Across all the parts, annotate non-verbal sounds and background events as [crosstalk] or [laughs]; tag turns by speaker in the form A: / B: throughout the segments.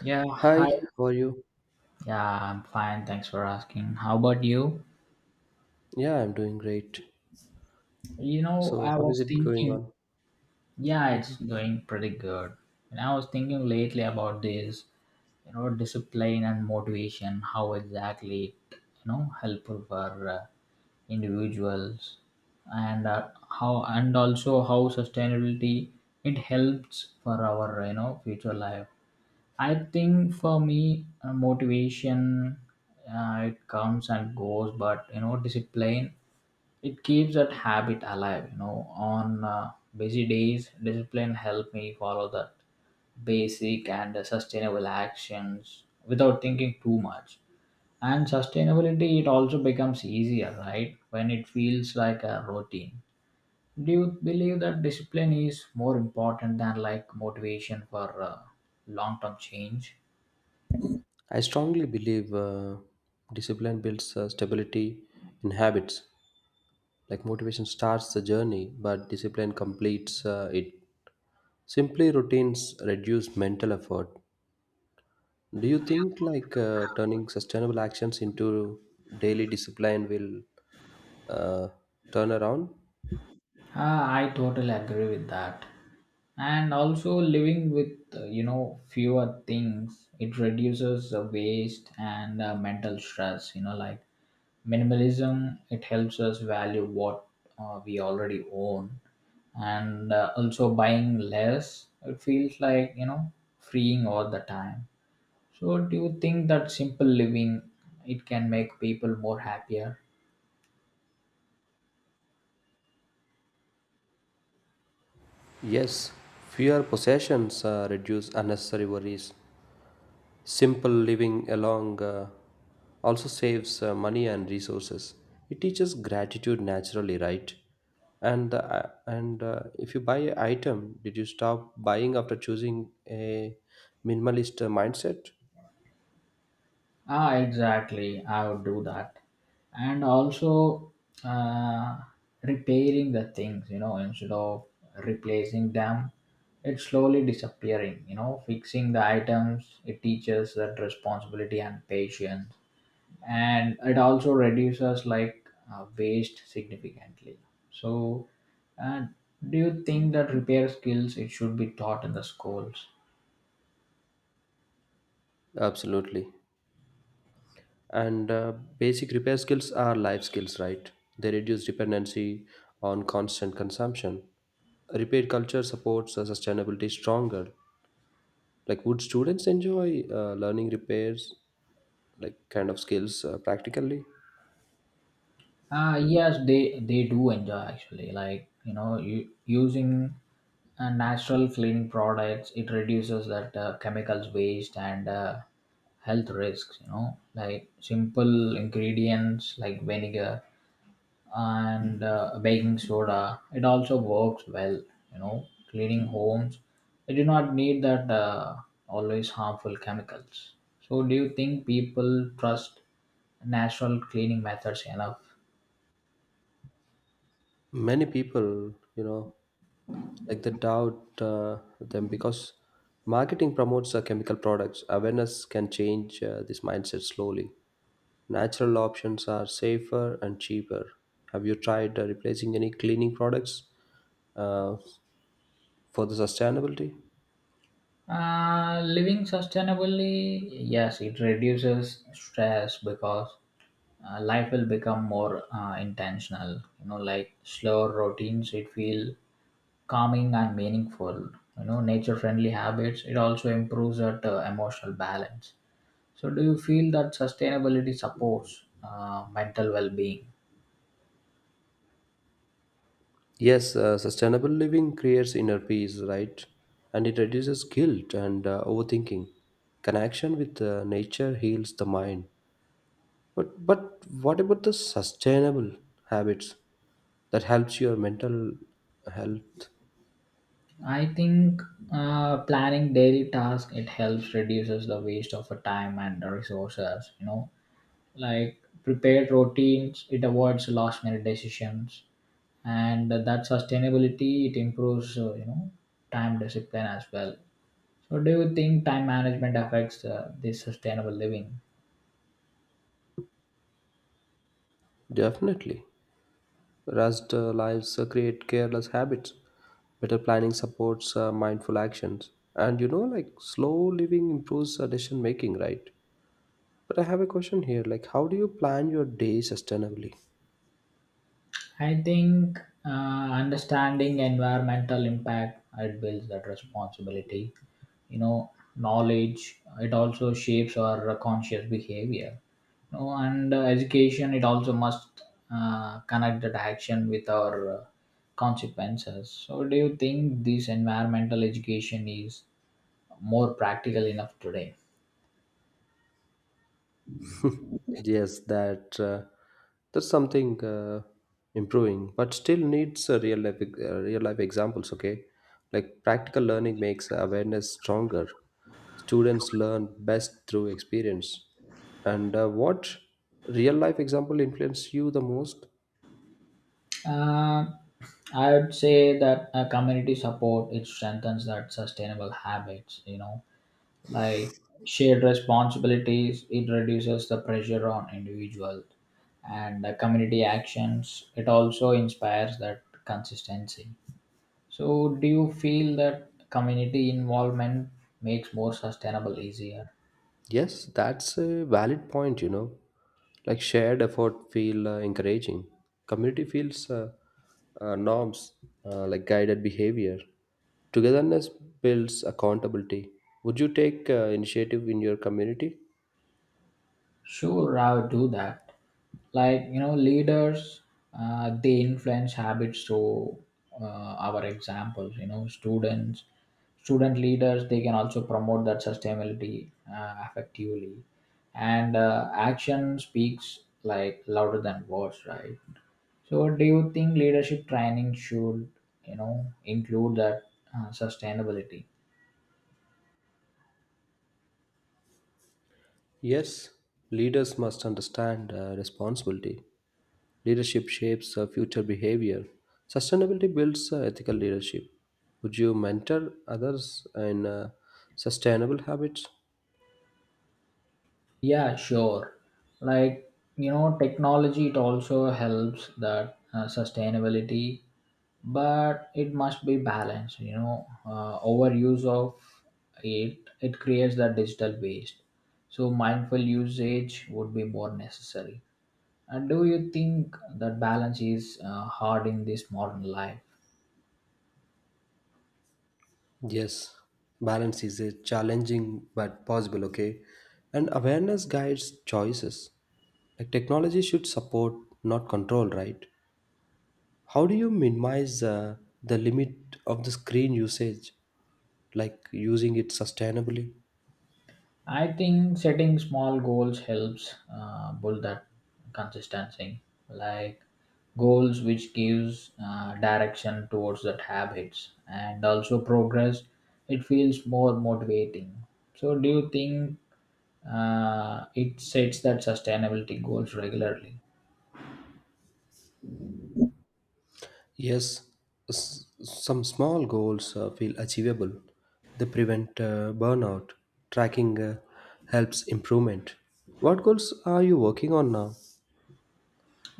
A: Yeah,
B: Hi,
A: hi.
B: how are you?
A: Yeah, I'm fine. Thanks for asking. How about you?
B: Yeah, I'm doing great. So,
A: I
B: how is
A: was
B: it going
A: thinking.
B: on?
A: Yeah, it's
B: Mhm.
A: going pretty good. And I was thinking lately about this, discipline and motivation, how exactly, it, helpful for individuals, and how and also how sustainability it helps for our future life. I think for me, motivation it comes and goes, but discipline it keeps that habit alive. On busy days, discipline help me follow that basic and sustainable actions without thinking too much. And sustainability it also becomes easier, right? When it feels like a routine. Do you believe that discipline is more important than like motivation for long term change?
B: I strongly believe discipline builds stability in habits. Like motivation starts the journey, but discipline completes it. Simply routines reduce mental effort. Do you think like turning sustainable actions into daily discipline will uh, turn around?
A: Ah, I totally agree with that. And also living with fewer things, it reduces the waste and mental stress. Like minimalism, it helps us value what we already own, and also buying less, it feels like freeing all the time. So, do you think that simple living it can make people more happier?
B: Yes, fewer possessions reduce unnecessary worries. Simple living along also saves money and resources, it teaches gratitude naturally, right? And if you buy an item, did you stop buying after choosing a minimalist mindset?
A: Ah, exactly. I would do that. And also uh, repairing the things, instead of replacing them, it's slowly disappearing, fixing the items. It teaches that responsibility and patience. And it also reduces like waste significantly. So, uh, do you think that repair skills it should be taught in the schools?
B: Absolutely, and basic repair skills are life skills, right? They reduce dependency on constant consumption. Repair culture supports sustainability stronger. Like, would students enjoy learning repairs, like kind of skills practically?
A: Yes, they do enjoy actually. Like using natural cleaning products, it reduces that chemicals waste and health risks. Like simple ingredients like vinegar and baking soda. It also works well. Cleaning homes, they do not need that always harmful chemicals. So, do you think people trust natural cleaning methods enough?
B: Many people, you know, like they doubt them because marketing promotes chemical products. Awareness can change this mindset slowly. Natural options are safer and cheaper. Have you tried replacing any cleaning products uh, for the sustainability?
A: Living sustainably, yes, it reduces stress because life will become more intentional. Like slower routines, it feel calming and meaningful. Nature-friendly habits, it also improves that emotional balance. So, do you feel that sustainability supports mental well-being?
B: Yes, sustainable living creates inner peace, right? And it reduces guilt and overthinking. Connection with nature heals the mind. But what about the sustainable habits that helps your mental health?
A: I think planning daily tasks it helps reduces the waste of a time and the resources. Like prepared routines it avoids last minute decisions, and that sustainability it improves, time discipline as well. So do you think time management affects this sustainable living?
B: Definitely, rest lives create careless habits. Better planning supports mindful actions, and you know, like slow living improves decision making, right? But I have a question here. Like, how do you plan your day sustainably?
A: I think uh, understanding environmental impact it builds that responsibility. You know, knowledge it also shapes our conscious behavior. And education it also must connect that action with our consequences. So, do you think this environmental education is more practical enough today?
B: [laughs] Yes, that that's something improving, but still needs a real life real life examples. Okay, like practical learning makes awareness stronger. Students learn best through experience. And what real life example influenced you the most?
A: Uh, I would say that community support it strengthens that sustainable habits. Like shared responsibilities it reduces the pressure on individuals, and the community actions it also inspires that consistency. So do you feel that community involvement makes more sustainable easier?
B: Yes, that's a valid point, you know. Like shared effort feel encouraging. Community feels norms, like guided behavior. Togetherness builds accountability. Would you take initiative in your community?
A: Sure, I would do that. Like, leaders, they influence habits through uh, our examples. Student leaders, they can also promote that sustainability effectively. And action speaks like louder than words, right? So, do you think leadership training should, include that sustainability?
B: Yes, leaders must understand responsibility. Leadership shapes future behavior. Sustainability builds ethical leadership. Would you mentor others in sustainable habits?
A: Yeah, sure. Like, technology, it also helps that sustainability, but it must be balanced. Overuse of it, it creates the digital waste. So mindful usage would be more necessary. And do you think that balance is hard in this modern life?
B: Yes, balance is a challenging but possible, okay? And awareness guides choices. Like technology should support, not control, right? How do you minimize the limit of the screen usage, like using it sustainably?
A: I think setting small goals helps build that consistency, like goals which gives direction towards that habits and also progress. It feels more motivating. So, do you think it sets that sustainability goals regularly?
B: Yes, some small goals feel achievable. They prevent burnout. Tracking helps improvement. What goals are you working on now?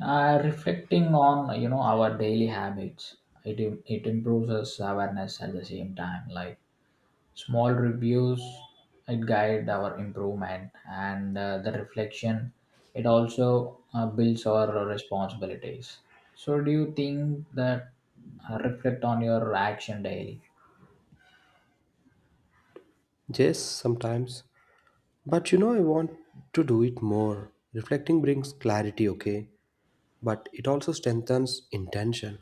A: Reflecting on our daily habits, it it improves us awareness at the same time, like small reviews it guide our improvement, and the reflection it also builds our responsibilities. So do you think that reflect on your action daily?
B: Yes, sometimes. But you know, I want to do it more. Reflecting brings clarity, okay? But it also strengthens intention.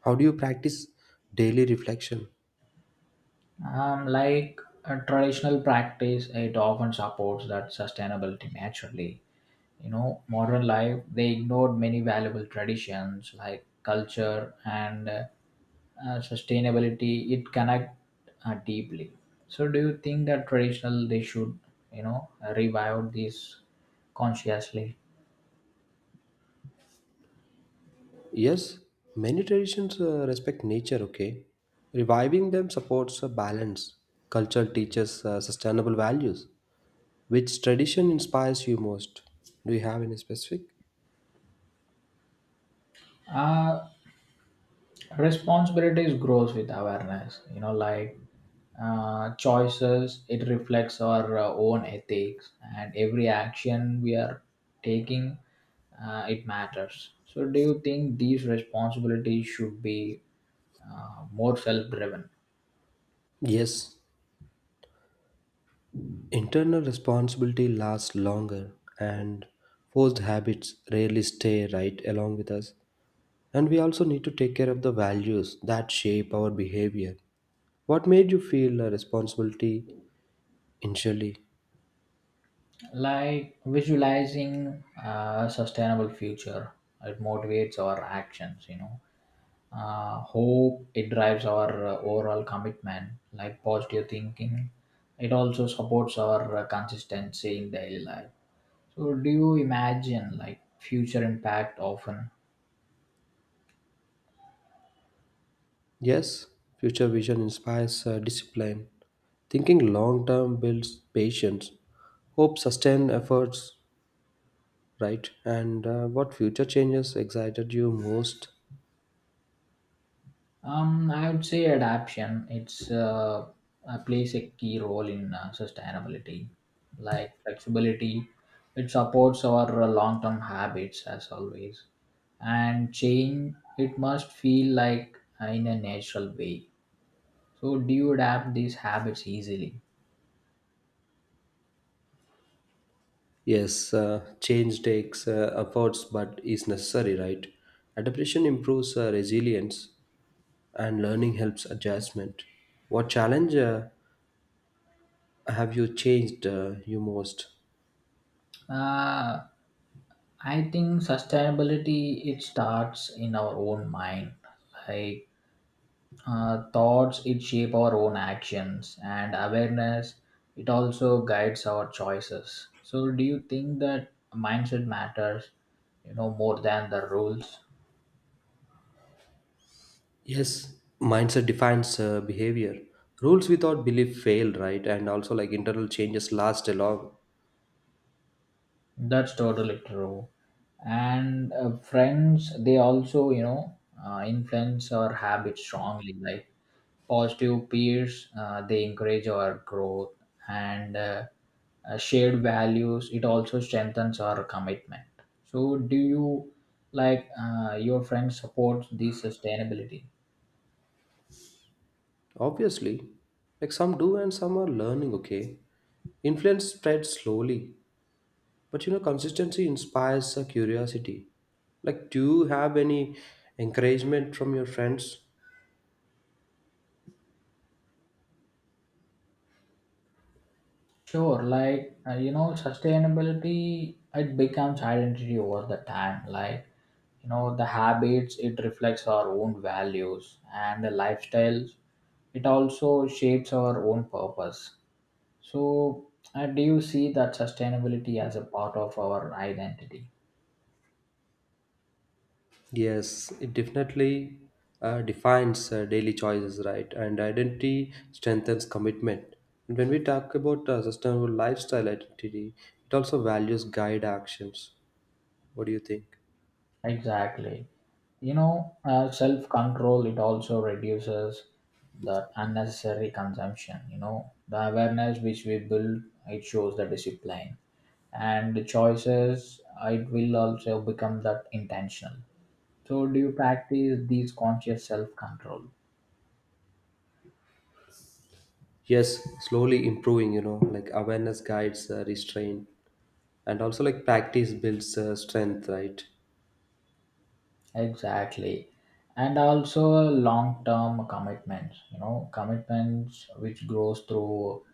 B: How do you practice daily reflection?
A: Like a traditional practice, it often supports that sustainability naturally. Modern life they ignored many valuable traditions like culture, and sustainability it connect deeply. So do you think that traditional they should you know revive this consciously?
B: Yes, many traditions respect nature, okay? Reviving them supports a balance. Culture teaches sustainable values. Which tradition inspires you most? Do you have any specific?
A: uh, Responsibilities grows with awareness, like choices it reflects our own ethics, and every action we are taking, it matters. So do you think these responsibilities should be more self driven?
B: Yes, internal responsibility lasts longer, and forced habits rarely stay right along with us. And we also need to take care of the values that shape our behavior. What made you feel a responsibility initially?
A: Like visualizing a sustainable future, it motivates our actions. Hope, it drives our overall commitment, like positive thinking. It also supports our consistency in daily life. So, do you imagine like future impact often?
B: Yes, future vision inspires discipline. Thinking long term builds patience. Hope sustain efforts, right? And what future changes excited you most?
A: I would say adaptation. It's plays a key role in sustainability, like flexibility. It supports our long-term habits as always, and change. It must feel like in a natural way. So, do you adapt these habits easily?
B: Yes, change takes efforts but is necessary, right? Adaptation improves resilience and learning helps adjustment. What challenge have you changed you most?
A: Uh, I think sustainability it starts in our own mind, like thoughts it shape our own actions, and awareness it also guides our choices. So do you think that mindset matters, more than the rules?
B: Yes, mindset defines behavior. Rules without belief fail, right? And also, like internal changes last a long.
A: That's totally true. And friends they also, influence our habits strongly, like positive peers they encourage our growth, and shared values it also strengthens our commitment. So do you like your friends support this sustainability?
B: Obviously, like some do and some are learning, okay? Influence spreads slowly. But you know, consistency inspires a curiosity. Like, do you have any encouragement from your friends?
A: Sure, like sustainability it becomes identity over the time, like the habits it reflects our own values, and the lifestyles it also shapes our own purpose. So, and do you see that sustainability as a part of our identity?
B: Yes, it definitely defines daily choices, right? And identity strengthens commitment. And when we talk about sustainable lifestyle identity, it also values guide actions. What do you think?
A: Exactly. Self control, it also reduces the unnecessary consumption. You know, the awareness which we build, it shows the discipline. And the choices, it will also become that intentional. So, do you practice these conscious self control?
B: Yes, slowly improving, you know, like awareness guides restraint. And also, like practice builds strength, right?
A: Exactly. And also long term commitments, commitments which grows through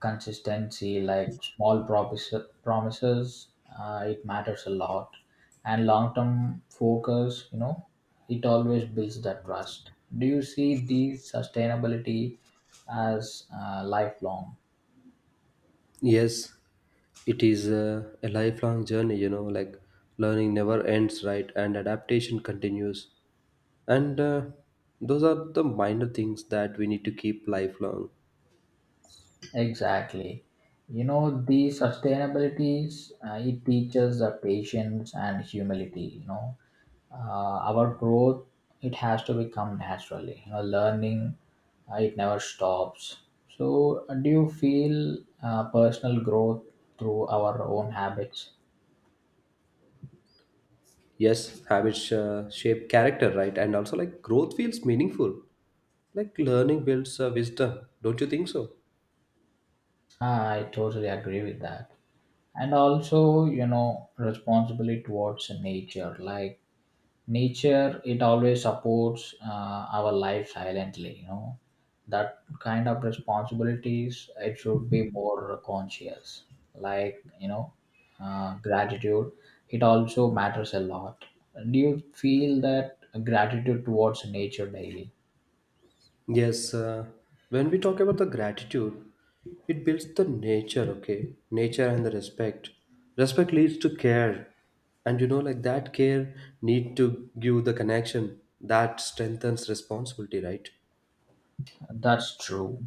A: consistency, like promises, it matters a lot. And long term focus, it always builds that trust. Do you see these sustainability as lifelong?
B: Yes, it is a lifelong journey, you know, like learning never ends, right? And adaptation continues. And those are the minor things that we need to keep lifelong.
A: Exactly. You know, the sustainabilities, it teaches the patience and humility, our growth it has to become naturally. Learning, it never stops. So do you feel personal growth through our own habits?
B: Yes, habits shape character, right? And also, like, growth feels meaningful. Like, learning builds wisdom. Don't you think so?
A: Ah, I totally agree with that. And also responsibility towards nature, like nature it always supports our life silently. That kind of responsibilities it should be more conscious, like gratitude it also matters a lot. Do you feel that gratitude towards nature daily?
B: Yes, when we talk about the gratitude, it builds the nature, okay? Nature and the respect. Respect leads to care. And you know, like that care need to give the connection that strengthens responsibility, right?
A: That's true.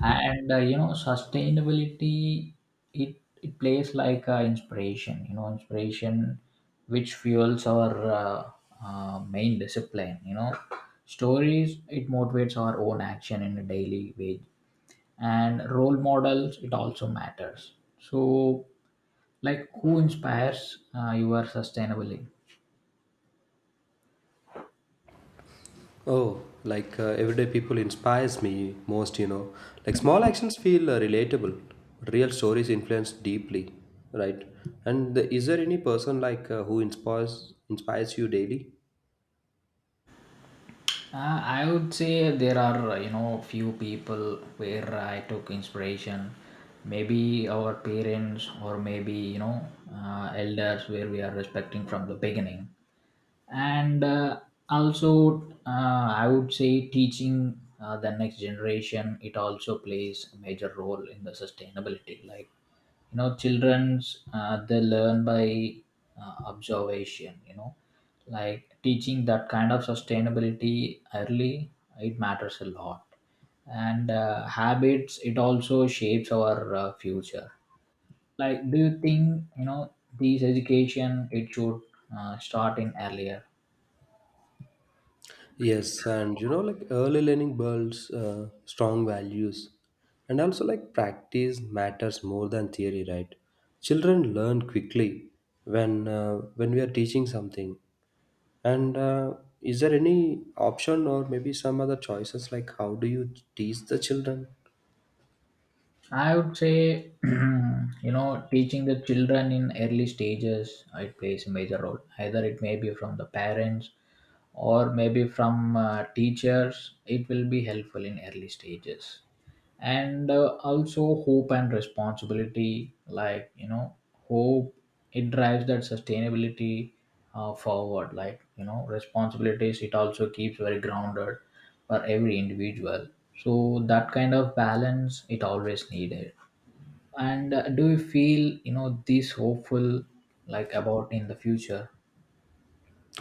A: And sustainability it plays like inspiration. You know, inspiration which fuels our main discipline. You know, stories it motivates our own action in a daily way, and role models it also matters. So, like, who inspires your sustainability?
B: Oh, like everyday people inspires me most, you know. Like small actions feel relatable. Real stories influence deeply, right? Is there any person like who inspires you daily?
A: I would say there are, few people where I took inspiration, maybe our parents or maybe elders where we are respecting from the beginning. And also I would say teaching the next generation it also plays a major role in the sustainability, like children's they learn by observation. Like teaching that kind of sustainability early, it matters a lot. And habits it also shapes our future. Like do you think these education it should start in earlier?
B: Yes, and you know, like early learning builds strong values, and also like practice matters more than theory, right? Children learn quickly when we are teaching something. And is there any option or maybe some other choices like how do you teach the children?
A: I would say, [clears throat] teaching the children in early stages, it plays a major role. Either it may be from the parents or maybe from teachers. It will be helpful in early stages. And also hope and responsibility, like hope it drives that sustainability forward. Like responsibilities it also keeps very grounded for every individual. So that kind of balance it always needed. And do you feel this hopeful like about in the future?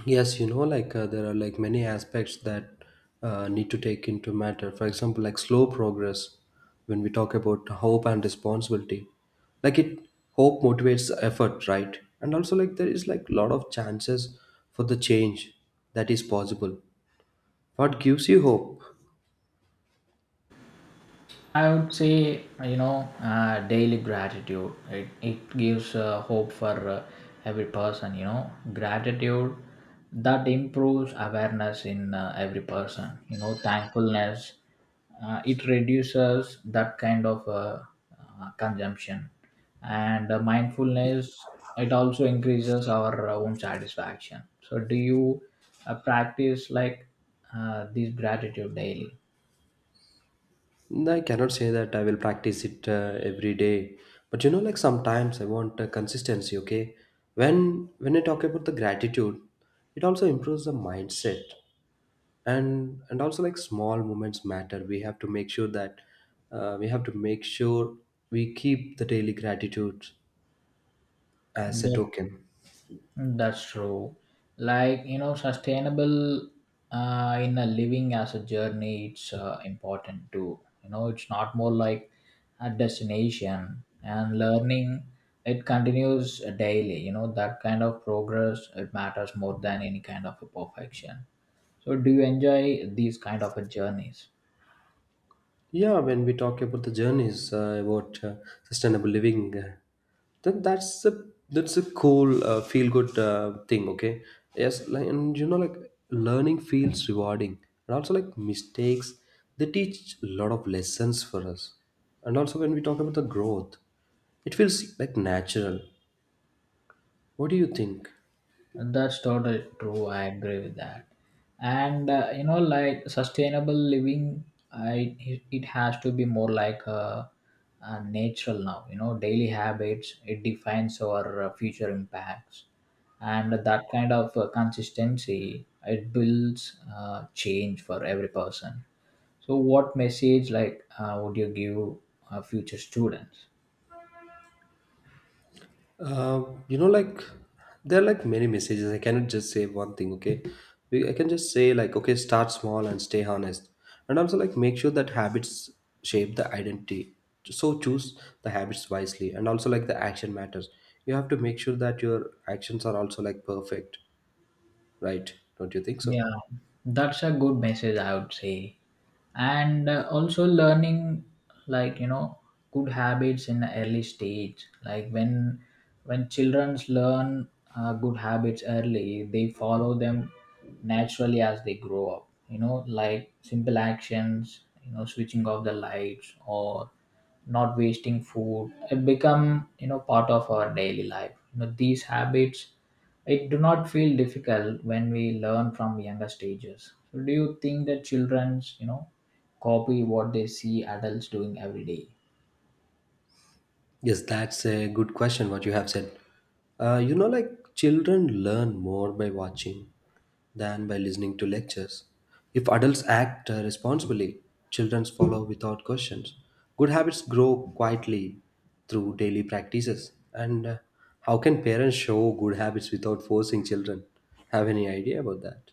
B: Yes, you know, like there are like many aspects that need to take into matter. For example, like slow progress when we talk about hope and responsibility. Like it hope motivates effort, right? And also like there is like lot of chances for the change that is possible. What gives you hope?
A: I would say, daily gratitude. It gives hope for every person. Gratitude that improves awareness in every person, thankfulness. It reduces that kind of consumption. And mindfulness, it also increases our own satisfaction. So, do you practice like this gratitude daily?
B: I cannot say that I will practice it every day, but you know, like sometimes I want consistency. Okay, when I talk about the gratitude, it also improves the mindset, and also like small moments matter. We have to make sure that we have to make sure we keep the daily gratitude as a
A: That
B: token.
A: That's true. Like, sustainable in a living as a journey, it's important too. You know, it's not more like a destination, and learning, it continues daily. You know, that kind of progress, it matters more than any kind of a perfection. So, do you enjoy these kind of a journeys?
B: Yeah, when we talk about the journeys about sustainable living, then that's a cool feel good thing, okay? Yes, like, and you know, like learning feels rewarding, and also like mistakes, they teach a lot of lessons for us. And also when we talk about the growth, it feels like natural. What do you think?
A: That's totally true. I agree with that. And You know, like sustainable living, it has to be more like a natural now. You know, daily habits, it defines our future impacts, and that kind of consistency, it builds change for every person. So, what message like would you give future students?
B: You know, like there are like many messages. I cannot just say one thing. Okay, I can just say like, okay, start small and stay honest, and also like make sure that habits shape the identity. So choose the habits wisely, and also like the action matters. You have to make sure that your actions are also like perfect, right? Don't you think so?
A: Yeah, that's a good message, I would say. And also learning, like, you know, good habits in the early stage, like when children learn good habits early, they follow them naturally as they grow up. You know, like simple actions, you know, switching off the lights or not wasting food, it become, you know, part of our daily life. You know, these habits, it do not feel difficult when we learn from younger stages. So do you think that children's, you know, copy what they see adults doing every day?
B: Yes, that's a good question, what you have said. You know, like children learn more by watching than by listening to lectures. If adults act responsibly, children follow without questions. Good habits grow quietly through daily practices. And how can parents show good habits without forcing children? Have any idea about that?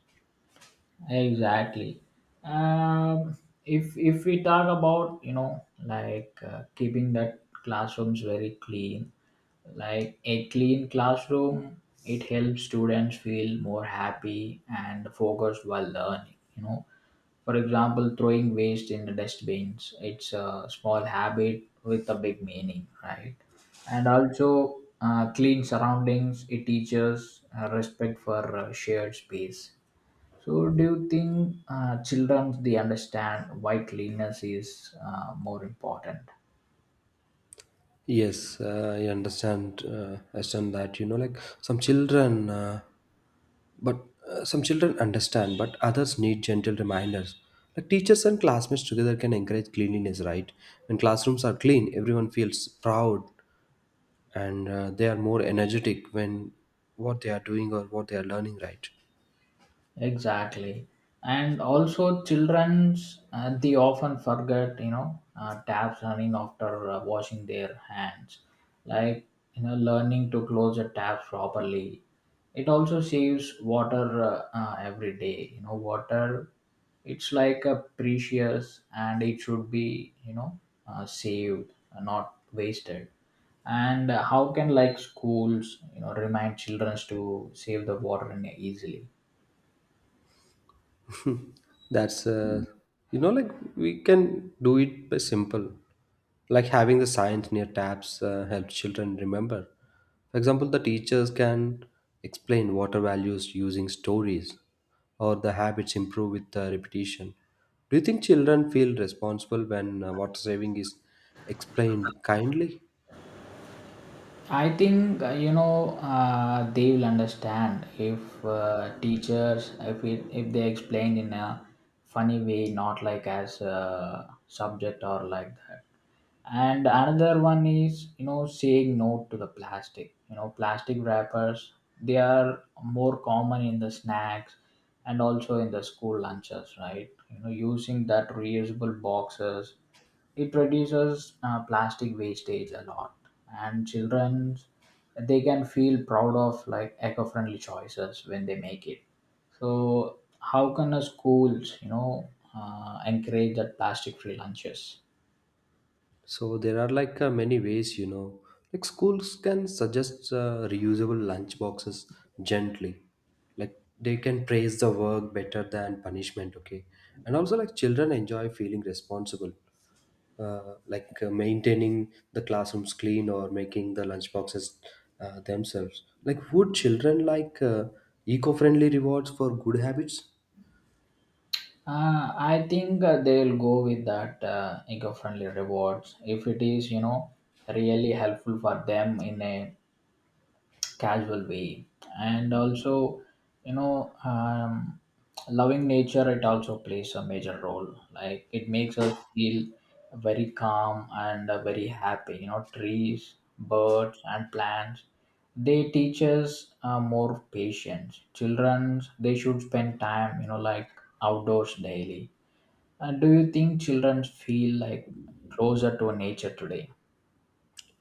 A: Exactly. um, if we talk about, you know, like keeping that classrooms very clean, like a clean classroom, it helps students feel more happy and focused while learning, you know. For example, throwing waste in the dustbins, it's a small habit with a big meaning, right? And also, clean surroundings, it teaches respect for shared space. So, do you think children, they understand why cleanliness is more important?
B: Yes, I understand. I understand that you know, like some children But some children understand, but others need gentle reminders. Like teachers and classmates together can encourage cleanliness, right? When classrooms are clean, everyone feels proud, and they are more energetic when what they are doing or what they are learning, right?
A: Exactly. And also, children's they often forget, you know, taps running after washing their hands. Like, you know, learning to close the taps properly, it also saves water every day. You know, water, it's like a precious and it should be, you know, saved, not wasted. And how can, like, schools, you know, remind children to save the water in- easily?
B: That's you know, like we can do it by simple, like having the signs near taps helps children remember. For example, the teachers can explain water values using stories, or the habits improve with repetition. Do you think children feel responsible when water saving is explained kindly?
A: I think you know, they will understand if teachers, if they explain in a funny way, not like as a subject or like that. And another one is, you know, saying no to the plastic. You know, plastic wrappers, they are more common in the snacks and also in the school lunches, right? You know, using that reusable boxes, it reduces plastic wastage a lot, and children, they can feel proud of like eco-friendly choices when they make it. So how can the schools, you know, encourage that plastic free lunches?
B: So there are like many ways, you know. Like schools can suggest reusable lunch boxes gently. Like they can praise the work better than punishment, okay? And also like children enjoy feeling responsible. Like maintaining the classrooms clean or making the lunch boxes themselves. Like, would children like eco-friendly rewards for good habits?
A: I think they'll go with that eco-friendly rewards if it is, you know, really helpful for them in a casual way. And also, you know, loving nature, it also plays a major role. Like it makes us feel very calm and very happy. You know, trees, birds and plants, they teach us more patience. Children, they should spend time, you know, like outdoors daily. And do you think children feel like closer to nature today?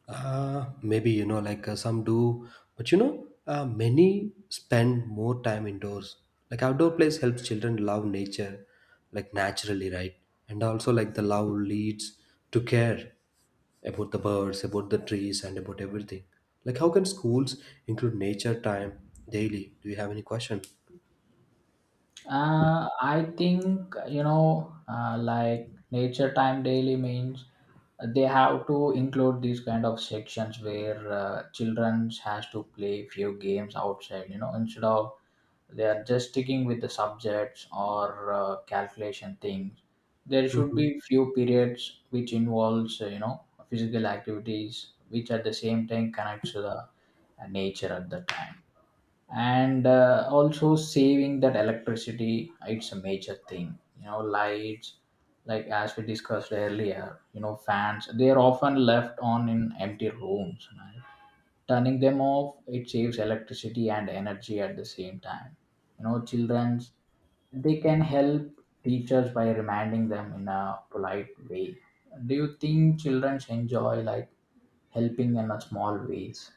B: Maybe you know, like some do, but you know, many spend more time indoors. Like outdoor place helps children love nature, like naturally, right? And also, like the love leads to care about the birds, about the trees, and about everything. Like, how can schools include nature time daily? Do you have any question?
A: I think, you know, like nature time daily means they have to include these kind of sections where children has to play few games outside. You know, instead of they are just sticking with the subjects or calculation things. There should
B: Hmm.
A: be few periods which involves you know, physical activities, which at the same time connects to the nature at the time. And also saving that electricity, it's a major thing. You know, lights, like as we discussed earlier, you know, fans, they are often left on in empty rooms, right? Turning them off, it saves electricity and energy at the same time. You know, children's, they can help teachers by reminding them in a polite way. Do you think children enjoy like helping in a small ways?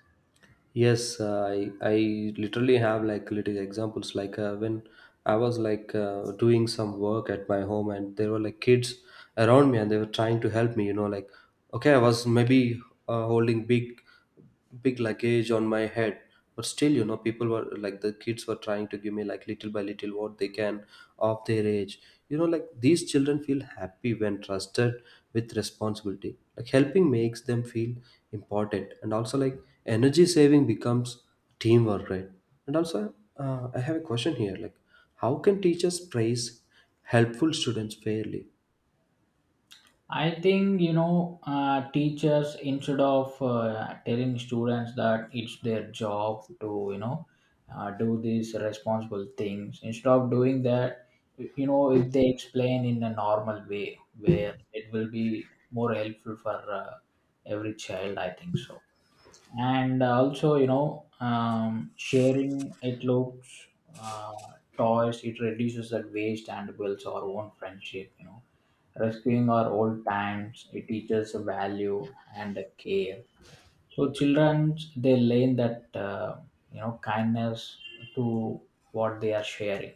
B: Yes, I literally have like little examples like when I was like doing some work at my home, and there were like kids around me, and they were trying to help me. You know, like okay, I was maybe holding big big luggage on my head, but still, you know, people were like the kids were trying to give me like little by little what they can of their age. You know, like these children feel happy when trusted with responsibility. Like helping makes them feel important, and also like energy saving becomes teamwork, right? And also, I have a question here. Like, how can teachers praise helpful students fairly?
A: I think, you know, teachers, instead of telling students that it's their job to, you know, do these responsible things, instead of doing that, you know, if they explain in a normal way, where it will be more helpful for every child, I think so. And also, you know, sharing, it looks, uh, toys, it reduces that waste and builds our own friendship. You know, rescuing our old times, it teaches value and care. So children, they learn that you know, kindness to what they are sharing.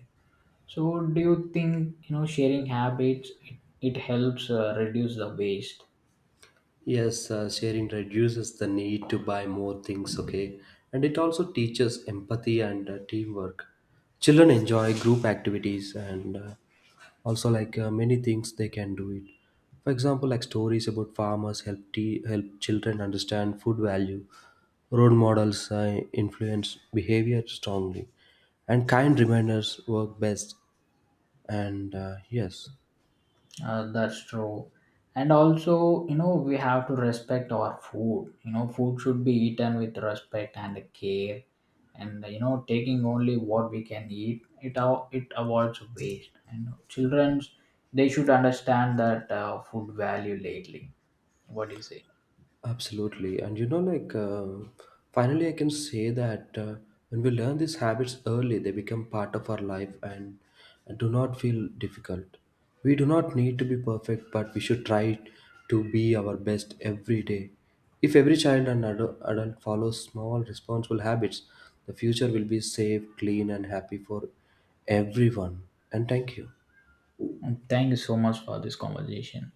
A: So do you think, you know, sharing habits, it helps reduce the waste?
B: Yes, sharing reduces the need to buy more things, okay? And it also teaches empathy and teamwork. Children enjoy group activities, and also like many things they can do it. For example, like stories about farmers help help children understand food value. Role models influence behavior strongly, and kind reminders work best. And yes.
A: That's true. And also, you know, we have to respect our food. You know, food should be eaten with respect and care, and you know, taking only what we can eat, it av- it avoids waste. And childrens, they should understand that food value lately. What do you say?
B: Absolutely. And you know, like, um, finally, I can say that when we learn these habits early, they become part of our life, and do not feel difficult. We do not need to be perfect, but we should try to be our best every day. If every child and adult follows small, responsible habits, the future will be safe, clean, and happy for everyone. And thank you.
A: And thank you so much for this conversation.